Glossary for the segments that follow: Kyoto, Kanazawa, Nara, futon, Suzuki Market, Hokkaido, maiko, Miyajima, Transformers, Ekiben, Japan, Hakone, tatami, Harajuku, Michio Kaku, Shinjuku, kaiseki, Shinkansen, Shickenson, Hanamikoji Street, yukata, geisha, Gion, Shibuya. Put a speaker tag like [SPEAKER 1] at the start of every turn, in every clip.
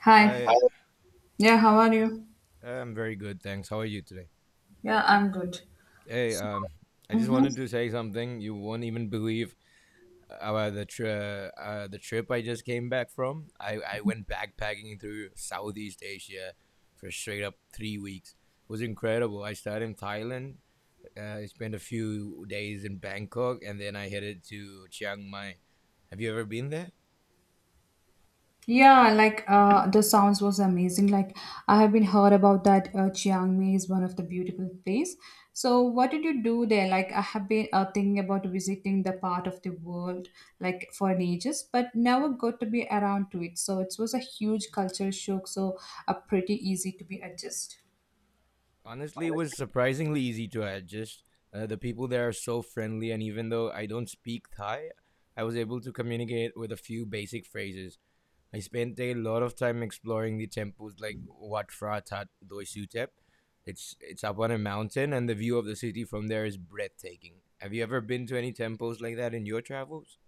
[SPEAKER 1] Hi. Hi.
[SPEAKER 2] Hi,
[SPEAKER 1] Yeah, how are you?
[SPEAKER 2] I'm very good, thanks. How are you today?
[SPEAKER 1] Yeah, I'm good.
[SPEAKER 2] Hey,
[SPEAKER 1] So.
[SPEAKER 2] I just
[SPEAKER 1] Hmm.
[SPEAKER 2] wanted to say something. You won't even believe the trip I just came back from. I went backpacking through Southeast Asia for straight up 3 weeks. It was incredible. I started in Thailand. I spent a few days in Bangkok, and then I headed to Chiang Mai. Have you ever been there?
[SPEAKER 1] Yeah, like the sounds was amazing. Like I have been heard about that Chiang Mai is one of the beautiful place. So, what did you do there? Like I have been thinking about visiting the part of the world like for ages, but never got to be around to it. So it was a huge culture shock. So, pretty easy to be adjust.
[SPEAKER 2] Honestly, it was surprisingly easy to adjust. The people there are so friendly, and even though I don't speak Thai, I was able to communicate with a few basic phrases. I spent a lot of time exploring the temples like Wat Phra Tat Doi Sutep. It's up on a mountain, and the view of the city from there is breathtaking. Have you ever been to any temples like that in your travels?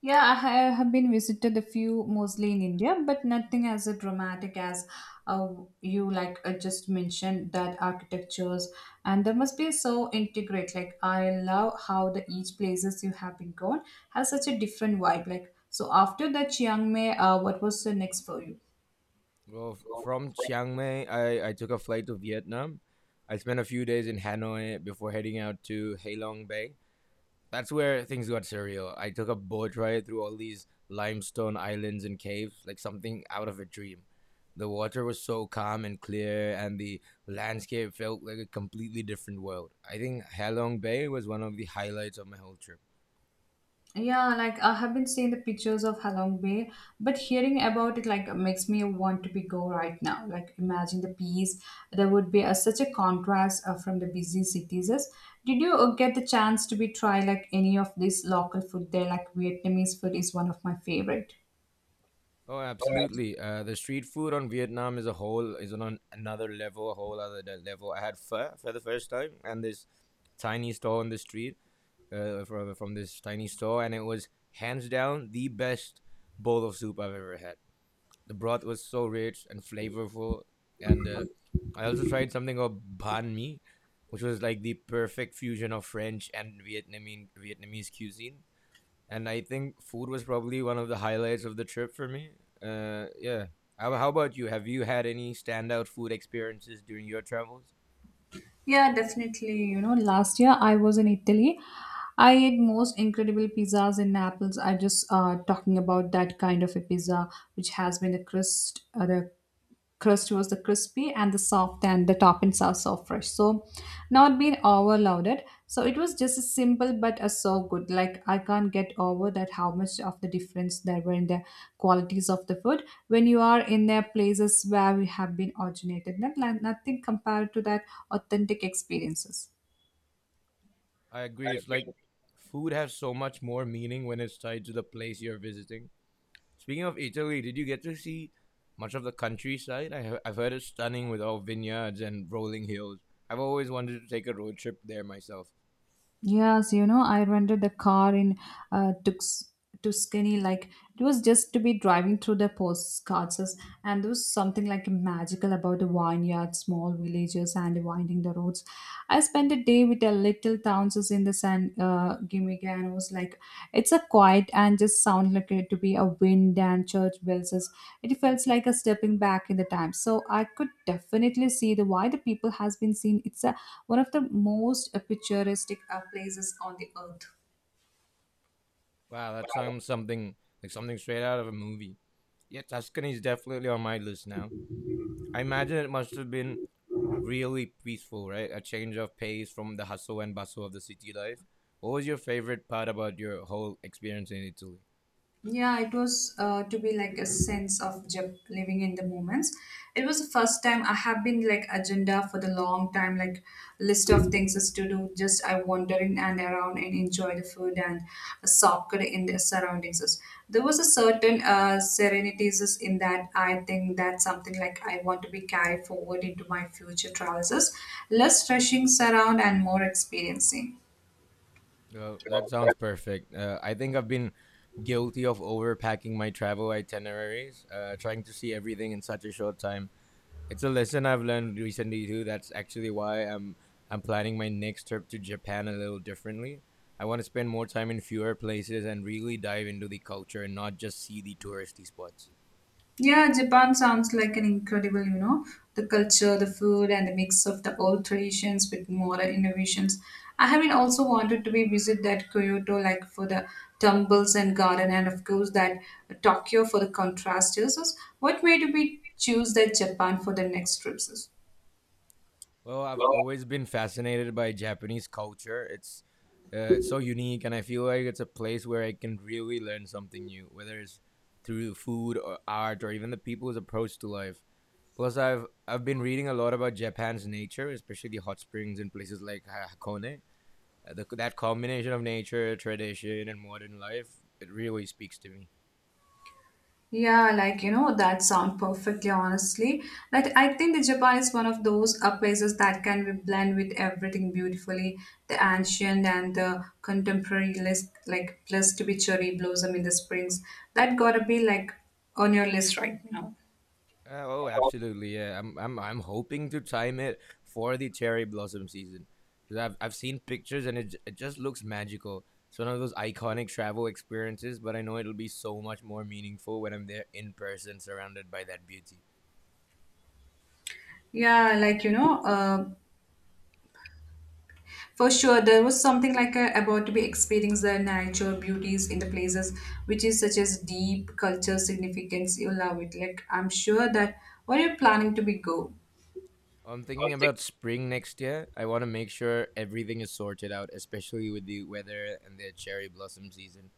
[SPEAKER 1] Yeah, have been visited a few, mostly in India, but nothing as a dramatic as uh, you like just mentioned that architectures and there must be so integrate. Like I love how the each places you have been gone has such a different vibe. Like so after that Chiang Mai, what was the next for you?
[SPEAKER 2] Well, from Chiang Mai, I took a flight to Vietnam. I spent a few days in Hanoi before heading out to Halong Bay. That's where things got surreal. I took a boat ride through all these limestone islands and caves, like something out of a dream. The water was so calm and clear, and the landscape felt like a completely different world. I think Halong Bay was one of the highlights of my whole trip.
[SPEAKER 1] Yeah, like I have been seeing the pictures of Halong Bay, but hearing about it like makes me want to be go right now. Like imagine the peace. There would be such a contrast from the busy cities. Did you get the chance to be try like any of this local food there? Like Vietnamese food is one of my favorite.
[SPEAKER 2] Oh, absolutely. The street food on Vietnam as a whole is on another level, a whole other level. I had pho for the first time, and this tiny stall on the street, from this tiny store, and it was hands down the best bowl of soup I've ever had. The broth was so rich and flavorful, and I also tried something called banh mi, which was like the perfect fusion of French and Vietnamese cuisine. And I think food was probably one of the highlights of the trip for me. Yeah. How about you? Have you had any standout food experiences during your travels?
[SPEAKER 1] Yeah, definitely. Last year I was in Italy. I ate most incredible pizzas in Naples. I just talking about that kind of a pizza, which has been the crust was the crispy and the soft, and the toppings are so fresh, so not been overloaded, so it was just a simple but a so good. Like I can't get over that how much of the difference there were in the qualities of the food when you are in their places where we have been originated, not, nothing compared to that authentic experiences.
[SPEAKER 2] I agree. It's like food has so much more meaning when it's tied to the place you're visiting. Speaking of Italy, did you get to see much of the countryside? I've heard it's stunning with all vineyards and rolling hills. I've always wanted to take a road trip there myself.
[SPEAKER 1] Yes, I rented the car in uh, Tux, Tuscany. Like it was just to be driving through the postcards, and there was something like magical about the vineyards, small villages, and winding the roads. I spent a day with the little towns as in the San Gimignano. And was like, it's a quiet and just sound like it to be a wind and church bells, it felt like a stepping back in the time, so I could definitely see the why the people has been seen one of the most picturesque places on the earth.
[SPEAKER 2] Wow, that sounds something like something straight out of a movie. Yeah, Tuscany is definitely on my list now. I imagine it must have been really peaceful, right? A change of pace from the hustle and bustle of the city life. What was your favorite part about your whole experience in Italy?
[SPEAKER 1] Yeah, it was to be like a sense of just living in the moments. It was the first time I have been like agenda for the long time, like list of things is to do. Just I wandering and around and enjoy the food and soccer in the surroundings. There was a certain serenities is in that. I think that's something like I want to be carried forward into my future travels. Is Less rushing around and more experiencing.
[SPEAKER 2] Oh, that sounds perfect. I think I've been guilty of overpacking my travel itineraries, trying to see everything in such a short time. It's a lesson I've learned recently too. That's actually why I'm planning my next trip to Japan a little differently. I want to spend more time in fewer places and really dive into the culture and not just see the touristy spots.
[SPEAKER 1] Yeah, Japan sounds like an incredible, the culture, the food, and the mix of the old traditions with modern innovations. I have been also wanted to be visit that Kyoto, like for the temples and garden, and of course that Tokyo for the contrast. So, what made you be choose that Japan for the next trips?
[SPEAKER 2] Well, I've always been fascinated by Japanese culture. It's it's so unique, and I feel like it's a place where I can really learn something new, whether it's through food or art or even the people's approach to life. Plus, I've been reading a lot about Japan's nature, especially hot springs in places like Hakone. That combination of nature, tradition, and modern life it really speaks to me.
[SPEAKER 1] Yeah, like that sound perfectly honestly. Like I think the Japan is one of those places that can be blend with everything beautifully, the ancient and the contemporary list like plus to be cherry blossom in the springs. That gotta be like on your list right now.
[SPEAKER 2] Oh, absolutely. Yeah, I'm hoping to time it for the cherry blossom season. 'Cause I've seen pictures and it just looks magical. It's one of those iconic travel experiences, but I know it'll be so much more meaningful when I'm there in person, surrounded by that beauty.
[SPEAKER 1] Yeah, like for sure there was something like about to be experience the natural beauties in the places which is such as deep culture significance. You love it. Like I'm sure that what are you planning to be go?
[SPEAKER 2] I'm thinking about spring next year. I want to make sure everything is sorted out, especially with the weather and the cherry blossom season.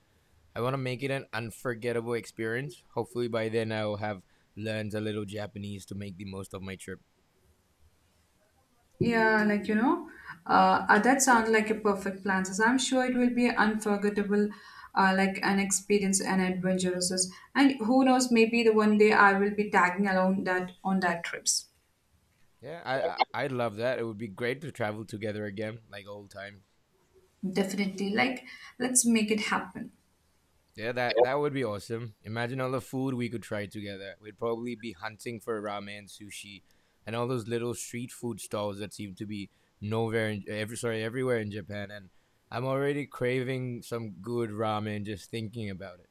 [SPEAKER 2] I want to make it an unforgettable experience. Hopefully, by then, I'll have learned a little Japanese to make the most of my trip.
[SPEAKER 1] Yeah, like that sounds like a perfect plan. So I'm sure it will be unforgettable, like an experience and adventurous. And who knows, maybe the one day I will be tagging along that on that trips.
[SPEAKER 2] Yeah, I'd love that. It would be great to travel together again, like old times.
[SPEAKER 1] Definitely, like let's make it happen.
[SPEAKER 2] Yeah, that would be awesome. Imagine all the food we could try together. We'd probably be hunting for ramen, sushi, and all those little street food stalls that seem to be nowhere in every sorry everywhere in Japan. And I'm already craving some good ramen just thinking about it.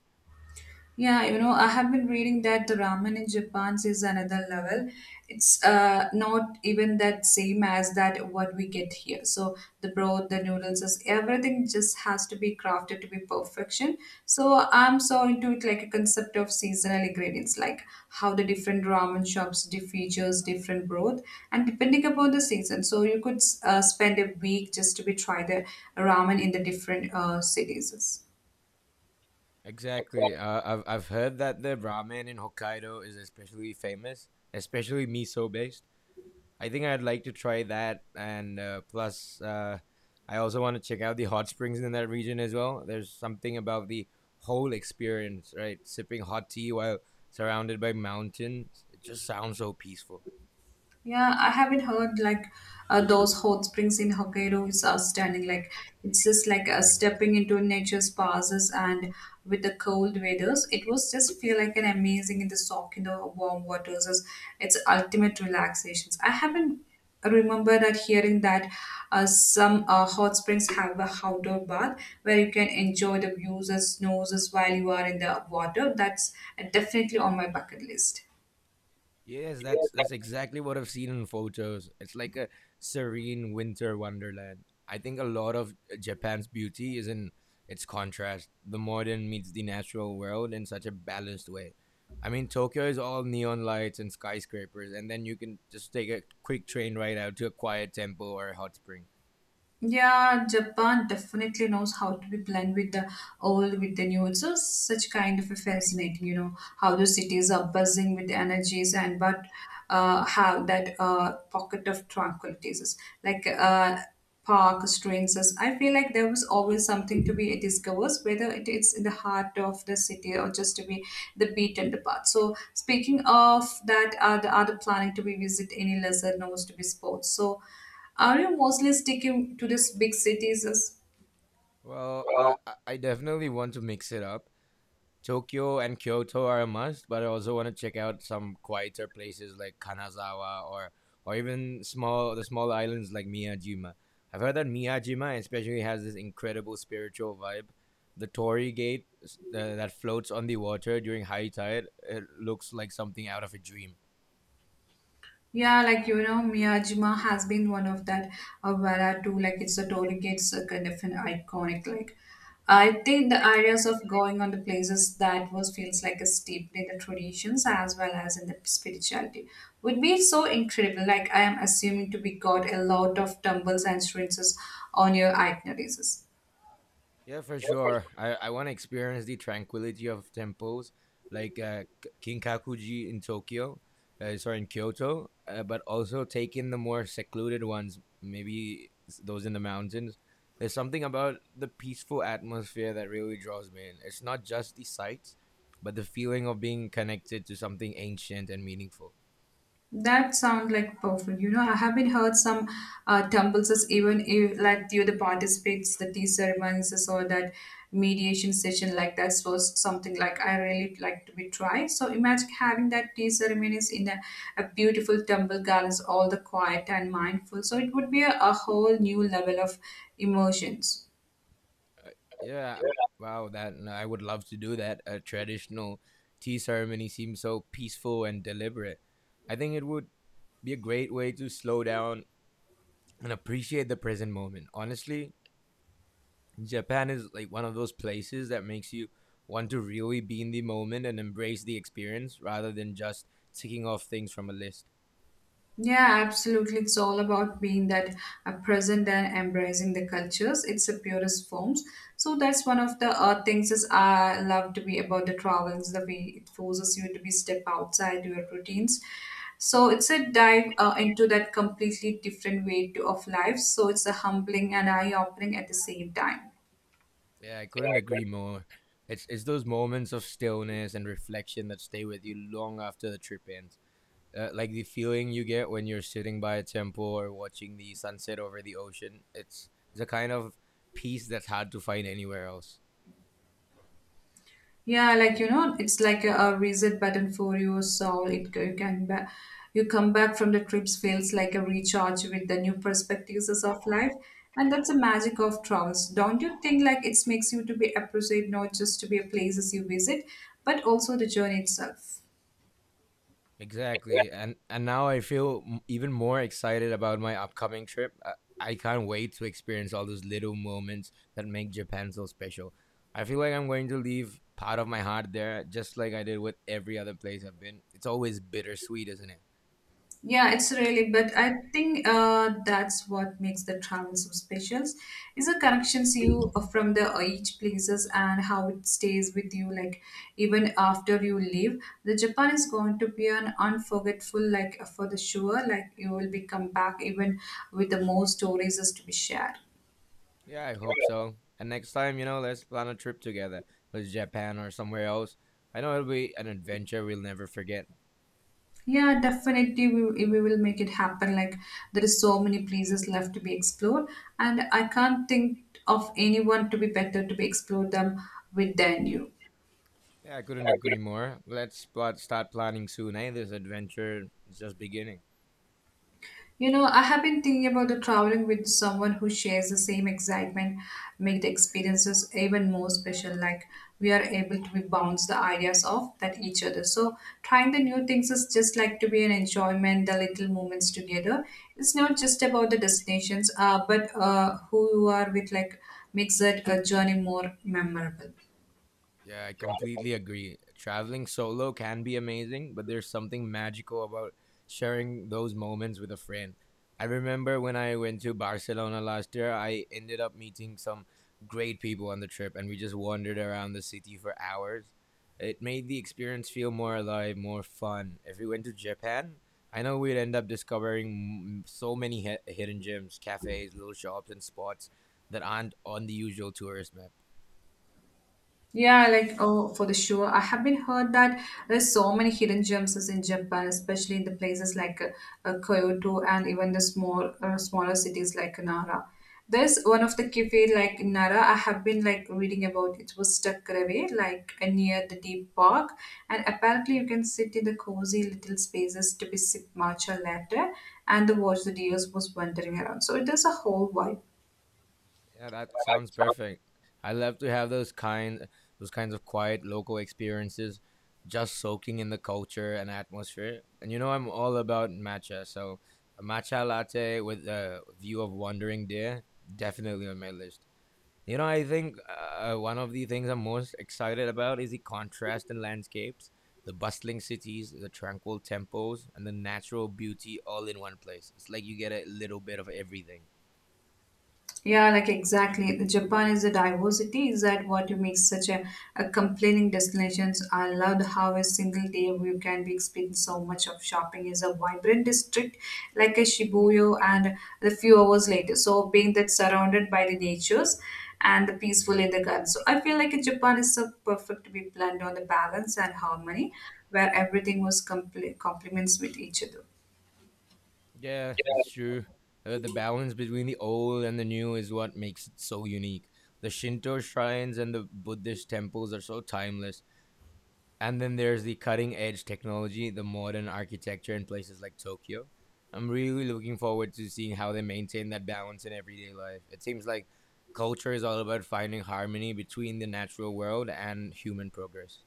[SPEAKER 1] Yeah, I have been reading that the ramen in Japan is another level. It's not even that same as that what we get here. So the broth, the noodles, is everything just has to be crafted to be perfection. So I'm so into it like a concept of seasonal ingredients, like how the different ramen shops differ features, different broth, and depending upon the season. So you could spend a week just to be try the ramen in the different cities.
[SPEAKER 2] Exactly. I've heard that the ramen in Hokkaido is especially famous, especially miso based. I think I'd like to try that, and plus, I also want to check out the hot springs in that region as well. There's something about the whole experience, right? Sipping hot tea while surrounded by mountains. It just sounds so peaceful.
[SPEAKER 1] Yeah, I haven't heard like those hot springs in Hokkaido is outstanding. Like it's just like stepping into nature's pauses and with the cold weathers, it was just feel like an amazing in the soak in the warm waters. It's ultimate relaxations. I haven't remember that hearing that some hot springs have a outdoor bath where you can enjoy the views as snows as while you are in the water. That's definitely on my bucket list.
[SPEAKER 2] Yes, that's exactly what I've seen in photos. It's like a serene winter wonderland. I think a lot of Japan's beauty is in its contrast. The modern meets the natural world in such a balanced way. I mean, Tokyo is all neon lights and skyscrapers, and then you can just take a quick train ride out to a quiet temple or a hot spring.
[SPEAKER 1] Yeah, Japan definitely knows how to be blend with the old with the new. It's just such kind of a fascinating, how the cities are buzzing with energies and but have that pocket of tranquilities, like park streets. I feel like there was always something to be discovered, whether it is in the heart of the city or just to be the beaten path. So speaking of that, are the other planning to be visit any lesser knows to be sports. So. Are you mostly sticking to these big cities?
[SPEAKER 2] Well, I definitely want to mix it up. Tokyo and Kyoto are a must, but I also want to check out some quieter places like Kanazawa or even small the small islands like Miyajima. I've heard that Miyajima especially has this incredible spiritual vibe. The Torii Gate that floats on the water during high tide, it looks like something out of a dream.
[SPEAKER 1] Yeah, like Miyajima has been one of that Vara too. Like it's a toll gate, it's a kind of an iconic. Like I think the ideas of going on the places that was feels like a steeped in the traditions as well as in the spirituality would be so incredible. Like I am assuming to be got a lot of tumbles and stretches on your itineraries.
[SPEAKER 2] Yeah, for sure. I want to experience the tranquility of temples like Kinkakuji in Kyoto, but also take in the more secluded ones, maybe those in the mountains. There's something about the peaceful atmosphere that really draws me in. It's not just the sights, but the feeling of being connected to something ancient and meaningful.
[SPEAKER 1] That sounds like perfect. I have been heard some temples as even if like you the participates the tea ceremonies or that mediation session like that was something like I really like to be tried. So imagine having that tea ceremonies in a beautiful temple gardens, all the quiet and mindful. So it would be a whole new level of emotions.
[SPEAKER 2] Uh, Yeah, wow, that no, I would love to do that. A traditional tea ceremony seems so peaceful and deliberate. I think it would be a great way to slow down and appreciate the present moment. Honestly, Japan is like one of those places that makes you want to really be in the moment and embrace the experience rather than just ticking off things from a list.
[SPEAKER 1] Yeah, absolutely. It's all about being that present and embracing the cultures. It's the purest forms. So that's one of the things is I love to be about the travels. The way it forces you to be step outside your routines. So it's a dive into that completely different of life. So it's a humbling and eye opening at the same time.
[SPEAKER 2] Yeah, I couldn't agree more. It's those moments of stillness and reflection that stay with you long after the trip ends. Like the feeling you get when you're sitting by a temple or watching the sunset over the ocean, it's a kind of peace that's hard to find anywhere else.
[SPEAKER 1] Yeah, like it's like a reset button for your soul. You can back, you come back from the trips feels like a recharge with the new perspectives of life, and that's the magic of travels. Don't you think? Like it makes you to be appreciate not just to be a places you visit, but also the journey itself.
[SPEAKER 2] Exactly. And now I feel even more excited about my upcoming trip. I can't wait to experience all those little moments that make Japan so special. I feel like I'm going to leave part of my heart there, just like I did with every other place I've been. It's always bittersweet, isn't it?
[SPEAKER 1] Yeah, it's really, but I think that's what makes the travel so special is the connections you from the each places and how it stays with you like even after you leave. The Japan is going to be an unforgettable like for the sure like you will be come back even with the more stories is to be shared.
[SPEAKER 2] Yeah, I hope so. And next time, you know, let's plan a trip together. Let's Japan or somewhere else. I know it'll be an adventure we'll never forget.
[SPEAKER 1] Yeah, definitely. We will make it happen. Like there is so many places left to be explored, and I can't think of anyone to be better to be explored them with than you.
[SPEAKER 2] Yeah, I couldn't agree more. Let's start planning soon, eh? This adventure is just beginning.
[SPEAKER 1] I have been thinking about the traveling with someone who shares the same excitement, make the experiences even more special. Like we are able to bounce the ideas off that each other. So trying the new things is just like to be an enjoyment, the little moments together. It's not just about the destinations, but who you are with like makes that a journey more memorable.
[SPEAKER 2] Yeah, I completely agree. Traveling solo can be amazing, but there's something magical about sharing those moments with a friend. I remember when I went to Barcelona last year, I ended up meeting some great people on the trip, and we just wandered around the city for hours. It made the experience feel more alive, more fun. If we went to Japan, I know we'd end up discovering so many hidden gems, cafes, little shops, and spots that aren't on the usual tourist map.
[SPEAKER 1] Yeah, like oh, for the sure. I have been heard that there's so many hidden gems is in Japan, especially in the places like Kyoto and even the smaller cities like Nara. There's one of the cafe like in Nara. I have been like reading about it was stuck away like near the deep park, and apparently you can sit in the cozy little spaces to be sip matcha latte and the watch the deers was wandering around. So it is a whole vibe.
[SPEAKER 2] Yeah, that sounds perfect. I love to have those kinds of quiet local experiences, just soaking in the culture and atmosphere. And you know I'm all about matcha, so a matcha latte with a view of wandering deer definitely on my list. You know, I think one of the things I'm most excited about is the contrast in landscapes, the bustling cities, the tranquil temples, and the natural beauty all in one place. It's like you get a little bit of everything.
[SPEAKER 1] Yeah, like exactly. The Japan is a diversity. Is that what you make such a complaining destinations? I loved how a single day you can be experiencing so much of shopping is a vibrant district like a Shibuya and a few hours later. So being that surrounded by the natures and the peaceful in the garden. So I feel like Japan is so perfect to be planned on the balance and harmony where everything was complete complements with each other.
[SPEAKER 2] Yeah, that's true. The balance between the old and the new is what makes it so unique. The Shinto shrines and the Buddhist temples are so timeless. And then there's the cutting edge technology, the modern architecture in places like Tokyo. I'm really looking forward to seeing how they maintain that balance in everyday life. It seems like culture is all about finding harmony between the natural world and human progress.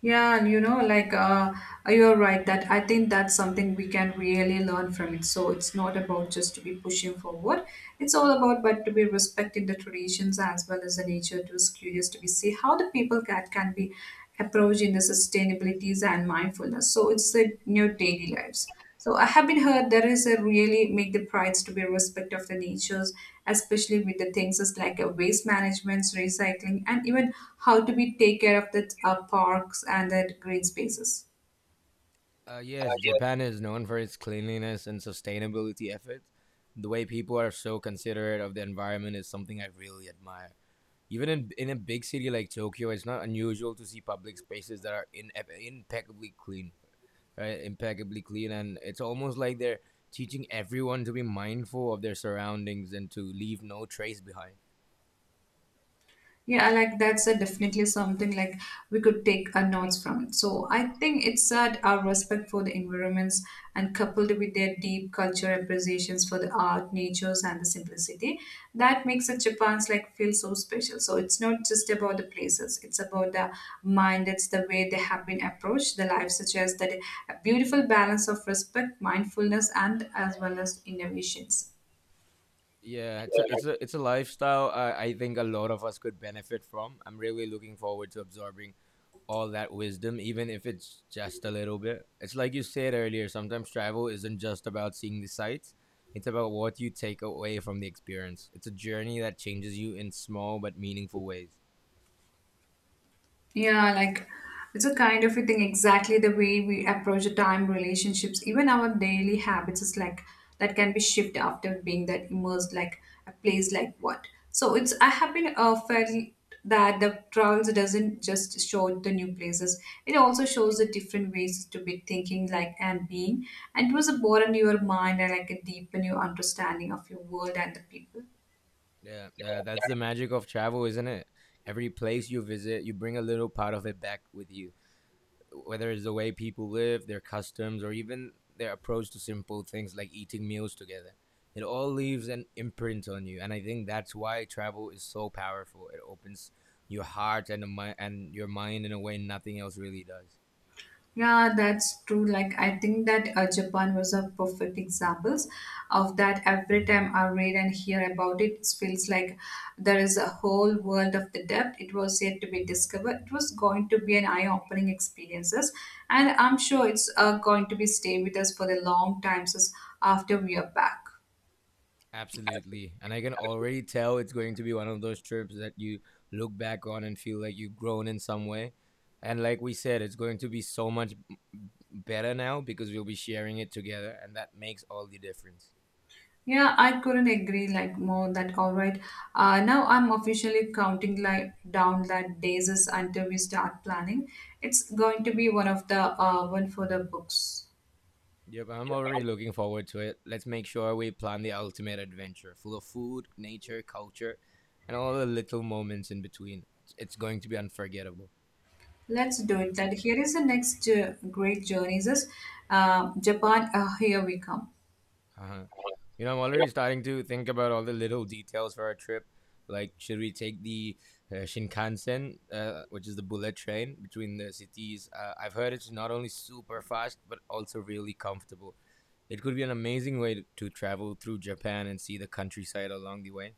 [SPEAKER 1] Yeah, and you know, you're right that I think that's something we can really learn from it. So it's not about just to be pushing forward. It's all about but to be respecting the traditions as well as the nature. To was curious to be see how the people cat can be approaching the sustainabilities and mindfulness. So it's in your daily lives. So I have been heard there is a really make the prides to be respect of the natures, especially with the things as like a waste management, recycling, and even how to be take care of the parks and the green spaces.
[SPEAKER 2] Yes, Japan is known for its cleanliness and sustainability efforts. The way people are so considerate of the environment is something I really admire. Even in a big city like Tokyo, it's not unusual to see public spaces that are impeccably clean, right? Impeccably clean, and it's almost like they're teaching everyone to be mindful of their surroundings and to leave no trace behind.
[SPEAKER 1] Yeah, like that's a definitely something like we could take a notes from. So I think it's that our respect for the environments and coupled with their deep culture appreciations for the art, natures, and the simplicity that makes the Japan's like feel so special. So it's not just about the places; it's about the mind. It's the way they have been approached. The life suggests that a beautiful balance of respect, mindfulness, and as well as innovations.
[SPEAKER 2] Yeah, it's a lifestyle I think a lot of us could benefit from. I'm really looking forward to absorbing all that wisdom, even if it's just a little bit. It's like you said earlier, sometimes travel isn't just about seeing the sights, it's about what you take away from the experience. It's a journey that changes you in small but meaningful ways.
[SPEAKER 1] Yeah, like it's a kind of a thing exactly the way we approach the time relationships, even our daily habits is like that can be shifted after being that immersed like a place like what. So it's I have been felt that the travels doesn't just show the new places. It also shows the different ways to be thinking like and being. And it was a broaden your mind and like a deepen your understanding of your world and the people.
[SPEAKER 2] Yeah, that's the magic of travel, isn't it? Every place you visit, you bring a little part of it back with you, whether it's the way people live, their customs, or even their approach to simple things like eating meals together. It all leaves an imprint on you, and I think that's why travel is so powerful. It opens your heart and your mind in a way nothing else really does.
[SPEAKER 1] Yeah, that's true. Like, I think that Japan was a perfect examples of that. Every time I read and hear about it, it feels like there is a whole world of the depth. It was yet to be discovered. It was going to be an eye-opening experiences, and I'm sure it's going to be stay with us for the long times as- after we are back.
[SPEAKER 2] Absolutely, and I can already tell it's going to be one of those trips that you look back on and feel like you've grown in some way. And like we said, it's going to be so much better now because we'll be sharing it together, and that makes all the difference.
[SPEAKER 1] Yeah, I couldn't agree like more that all right. Now I'm officially counting like down that days is until we start planning. It's going to be one of the one for the books.
[SPEAKER 2] Yep, I'm already looking forward to it. Let's make sure we plan the ultimate adventure, full of food, nature, culture, and all the little moments in between. It's going to be unforgettable.
[SPEAKER 1] Let's do it. That here is the next great journeys is Japan. Here we come.
[SPEAKER 2] Haha. I'm already starting to think about all the little details for our trip. Like, should we take the Shinkansen, which is the bullet train between the cities? I've heard it's not only super fast, but also really comfortable. It could be an amazing way to travel through Japan and see the countryside along the way.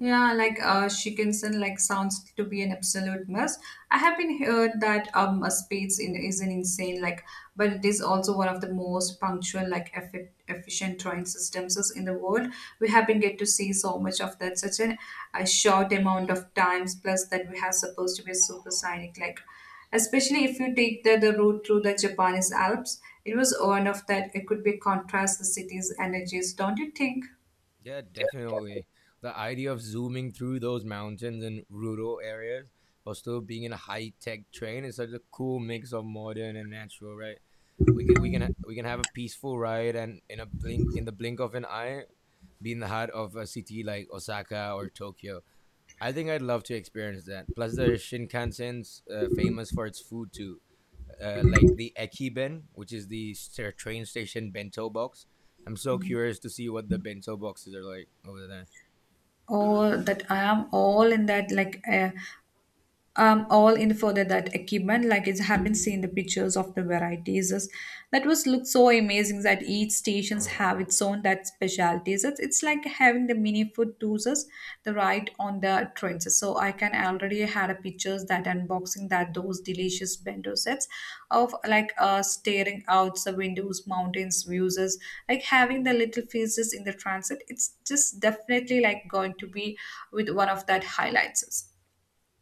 [SPEAKER 1] Yeah, Shickenson, like sounds to be an absolute must. I have been heard that a space in, is an insane like, but it is also one of the most punctual like efficient train systems is in the world. We have been get to see so much of that such an, a short amount of times. Plus that we have supposed to be supersonic like, especially if you take the route through the Japanese Alps. It was one of that. It could be contrast the city's energies, don't you think?
[SPEAKER 2] Yeah, definitely. The idea of zooming through those mountains in rural areas while still being in a high-tech train is such a cool mix of modern and natural, right? We can have a peaceful ride and in the blink of an eye be in the heart of a city like Osaka or Tokyo. I think I'd love to experience that. Plus, the Shinkansen's famous for its food too, like the Ekiben, which is the train station bento box. I'm so curious to see what the bento boxes are like over there.
[SPEAKER 1] Oh, that I am all in that. All in further that equipment like it's have been seen the pictures of the varieties is- that was looked so amazing that each stations have its own that specialties it's like having the mini food tours is the right on the trains so I can already had a pictures that unboxing that those delicious bento sets of like staring out the windows mountains views is like having the little faces in the transit it's just definitely like going to be with one of that highlights.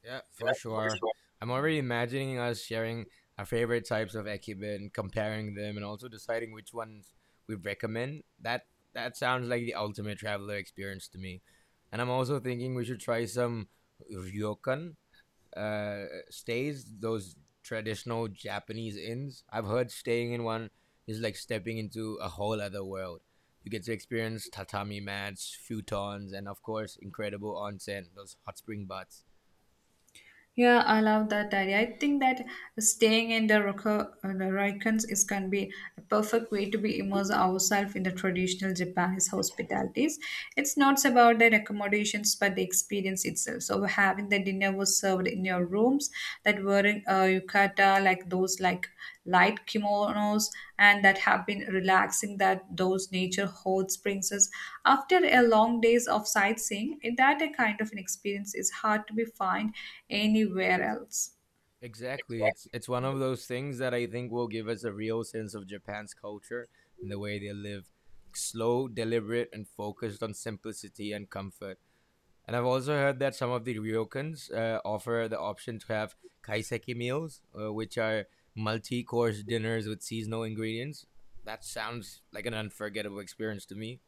[SPEAKER 2] Yeah, for sure. I'm already imagining us sharing our favorite types of Ekiben, comparing them, and also deciding which ones we'd recommend. That sounds like the ultimate traveler experience to me. And I'm also thinking we should try some ryokan stays, those traditional Japanese inns. I've heard staying in one is like stepping into a whole other world. You get to experience tatami mats, futons, and of course, incredible onsen, those hot spring baths.
[SPEAKER 1] Yeah, I love that idea. I think that staying in the Ryokans is can be a perfect way to be immerse ourselves in the traditional Japanese hospitalities. It's not about the accommodations, but the experience itself. So having the dinner was served in your rooms that were in yukata, like those like light kimonos and that have been relaxing that those nature hot brings us after a long days of sightseeing that a kind of an experience is hard to be found anywhere else.
[SPEAKER 2] Exactly. It's one of those things that I think will give us a real sense of Japan's culture and the way they live. Slow, deliberate, and focused on simplicity and comfort. And I've also heard that some of the ryokans offer the option to have kaiseki meals, which are multi-course dinners with seasonal ingredients. That sounds like an unforgettable experience to me.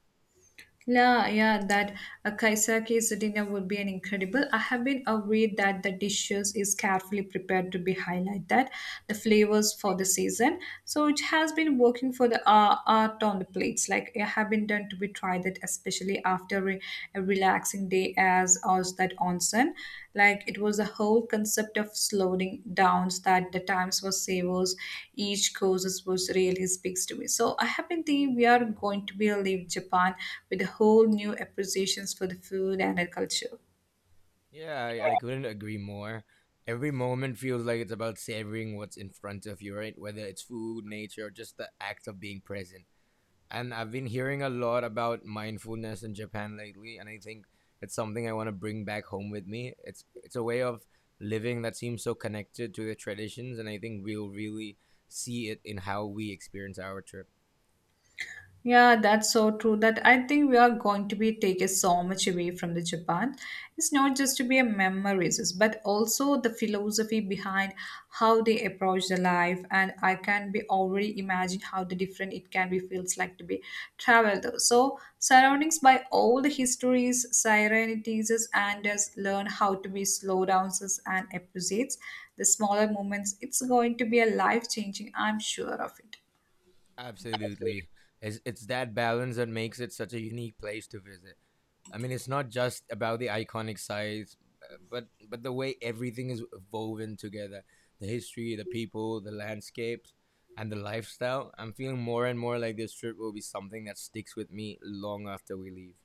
[SPEAKER 1] Yeah, yeah, that a kaisaki's dinner would be an incredible. I have been aware that the dishes is carefully prepared to be highlight that the flavors for the season. So it has been working for the art on the plates. Like I have been done to be tried that, especially after a relaxing day as that onsen. Like it was the whole concept of slowing downs that the times was savers, each causes was really speaks to me. So I have been thinking we are going to be leave Japan with a whole new appreciations for the food and the culture.
[SPEAKER 2] Yeah, I couldn't agree more. Every moment feels like it's about savoring what's in front of you, right? Whether it's food, nature, or just the act of being present. And I've been hearing a lot about mindfulness in Japan lately, and I think it's something I want to bring back home with me. It's a way of living that seems so connected to the traditions, and I think we'll really see it in how we experience our trip.
[SPEAKER 1] Yeah, that's so true. That I think we are going to be taking so much away from the Japan. It's not just to be a memories, but also the philosophy behind how they approach the life. And I can be already imagine how the different it can be feels like to be traveled. So surroundings by all the histories, serenities, and just learn how to be slow downs and appreciates the smaller moments. It's going to be a life changing. I'm sure of it.
[SPEAKER 2] Absolutely. It's that balance that makes it such a unique place to visit. I mean, it's not just about the iconic sites, but the way everything is woven together, the history, the people, the landscapes, and the lifestyle. I'm feeling more and more like this trip will be something that sticks with me long after we leave.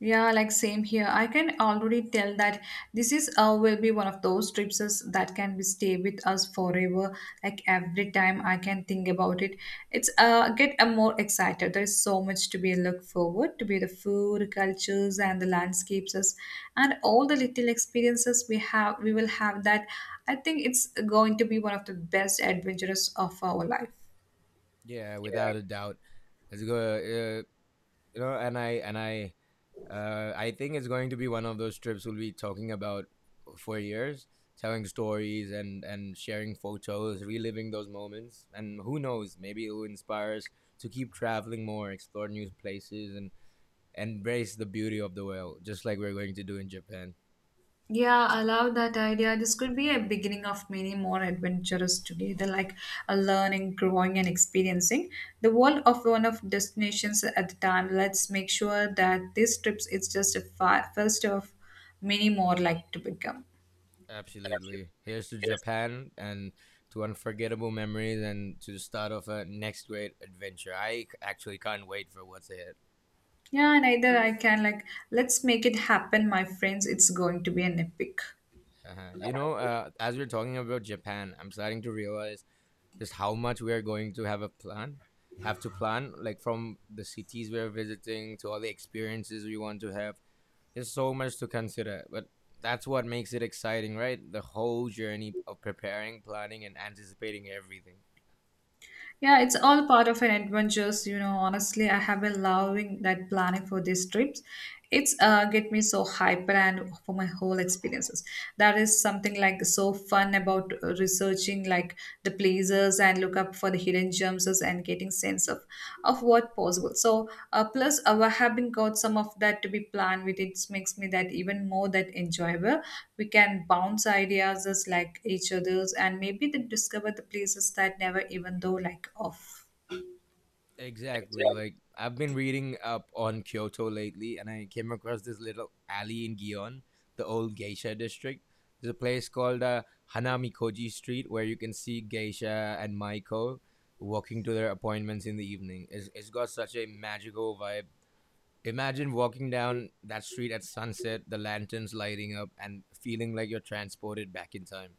[SPEAKER 1] Yeah, like same here. I can already tell that this is will be one of those trips us- that can be stay with us forever. Like every time I can think about it, it's get more excited. There is so much to be look forward to be the food, cultures, and the landscapes, us, and all the little experiences we have. We will have that. I think it's going to be one of the best adventures of our life.
[SPEAKER 2] Yeah, without a doubt. Let's go. You know, and I think it's going to be one of those trips we'll be talking about for years, telling stories and sharing photos, reliving those moments. And who knows, maybe it will inspire us to keep traveling more, explore new places, and embrace the beauty of the world, just like we're going to do in Japan.
[SPEAKER 1] Yeah, I love that idea. This could be a beginning of many more adventures together, like a learning, growing, and experiencing the world of one of destinations at the time. Let's make sure that this trip is just a first of many more like to become.
[SPEAKER 2] Absolutely. Here's to Japan and to unforgettable memories and to the start of a next great adventure. I actually can't wait for what's ahead.
[SPEAKER 1] Yeah, and either I can like let's make it happen, my friends. It's going to be an epic.
[SPEAKER 2] Uh-huh. You know, as we're talking about Japan, I'm starting to realize just how much we are going to have a plan have to plan, like from the cities we're visiting to all the experiences we want to have. There's so much to consider, but that's what makes it exciting, right? The whole journey of preparing, planning, and anticipating everything.
[SPEAKER 1] Yeah, it's all part of an adventures, you know. Honestly, I have been loving that planning for these trips. It's get me so hyper and for my whole experiences. That is something like so fun about researching like the places and look up for the hidden gems themselves and getting sense of what possible so plus our having got some of that to be planned with it makes me that even more that enjoyable we can bounce ideas as like each others and maybe then discover the places that never even though like off.
[SPEAKER 2] Exactly. Like I've been reading up on Kyoto lately, and I came across this little alley in Gion, the old geisha district. There's a place called Hanamikoji Street where you can see geisha and maiko walking to their appointments in the evening. It's got such a magical vibe. Imagine walking down that street at sunset, the lanterns lighting up, and feeling like you're transported back in time.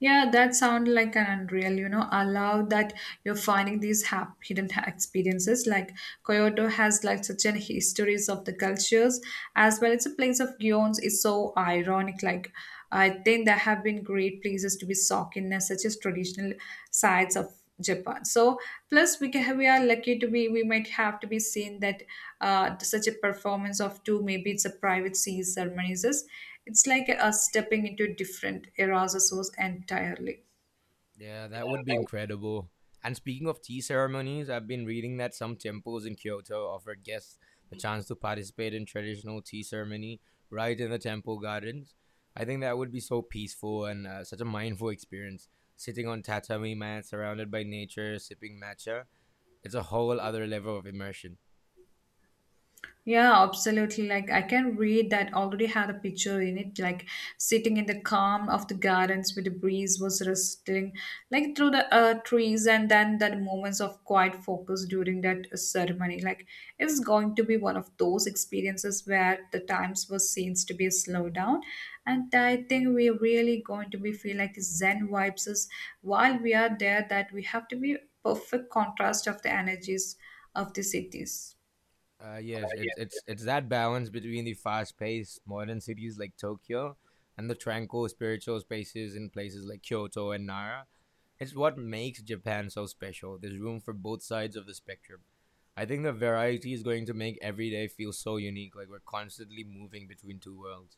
[SPEAKER 1] Yeah, that sounds like an unreal, you know, allow that you're finding these hidden experiences. Like Kyoto has like such an histories of the cultures as well. It's a place of guions. It's so ironic. Like I think there have been great places to be socked in as such as traditional sites of Japan. So plus we are lucky to be we might have to be seen that such a performance of two maybe it's a private sea ceremonies it's like us stepping into different eras or source entirely.
[SPEAKER 2] Yeah, that would be incredible. And speaking of tea ceremonies, I've been reading that some temples in Kyoto offer guests the chance to participate in traditional tea ceremony right in the temple gardens. I think that would be so peaceful and such a mindful experience. Sitting on tatami mats surrounded by nature, sipping matcha, it's a whole other level of immersion.
[SPEAKER 1] Yeah, absolutely. Like I can read that already had a picture in it, like sitting in the calm of the gardens where the breeze was rustling, like through the trees, and then the moments of quiet focus during that ceremony. Like it's going to be one of those experiences where the times was seems to be slowed down, and I think we're really going to be feel like Zen vibes is while we are there. That we have to be perfect contrast of the energies of the cities.
[SPEAKER 2] Yes, it's that balance between the fast-paced modern cities like Tokyo and the tranquil spiritual spaces in places like Kyoto and Nara. It's what makes Japan so special. There's room for both sides of the spectrum. I think the variety is going to make every day feel so unique, like we're constantly moving between two worlds.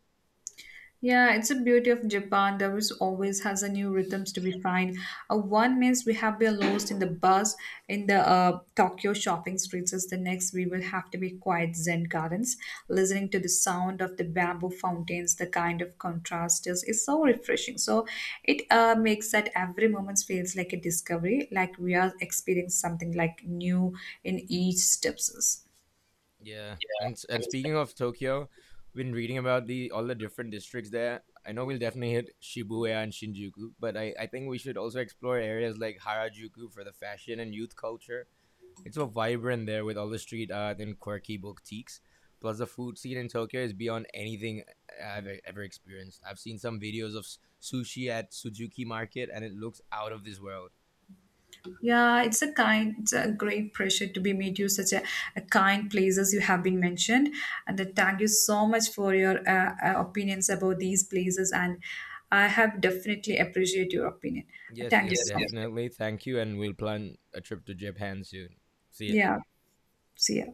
[SPEAKER 1] Yeah, it's a beauty of Japan. There is always has a new rhythms to be find. One means we have been lost in the buzz in the Tokyo shopping streets. As the next, we will have to be quiet Zen gardens, listening to the sound of the bamboo fountains. The kind of contrast is so refreshing. So it makes that every moment feels like a discovery, like we are experiencing something like new in each steps.
[SPEAKER 2] Yeah, and speaking of Tokyo, been reading about the all the different districts there. I know we'll definitely hit Shibuya and Shinjuku, but I think we should also explore areas like Harajuku for the fashion and youth culture. It's so vibrant there with all the street art and quirky boutiques. Plus, the food scene in Tokyo is beyond anything I've ever experienced. I've seen some videos of sushi at Suzuki Market, and it looks out of this world.
[SPEAKER 1] Yeah, it's a kind, it's a great pressure to be meet you such a kind places you have been mentioned, and then thank you so much for your opinions about these places, and I have definitely appreciate your opinion.
[SPEAKER 2] Yes,
[SPEAKER 1] Thank you
[SPEAKER 2] yes,
[SPEAKER 1] so much.
[SPEAKER 2] definitely. Thank you, and we'll plan a trip to Japan soon. See ya.
[SPEAKER 1] Yeah, see ya.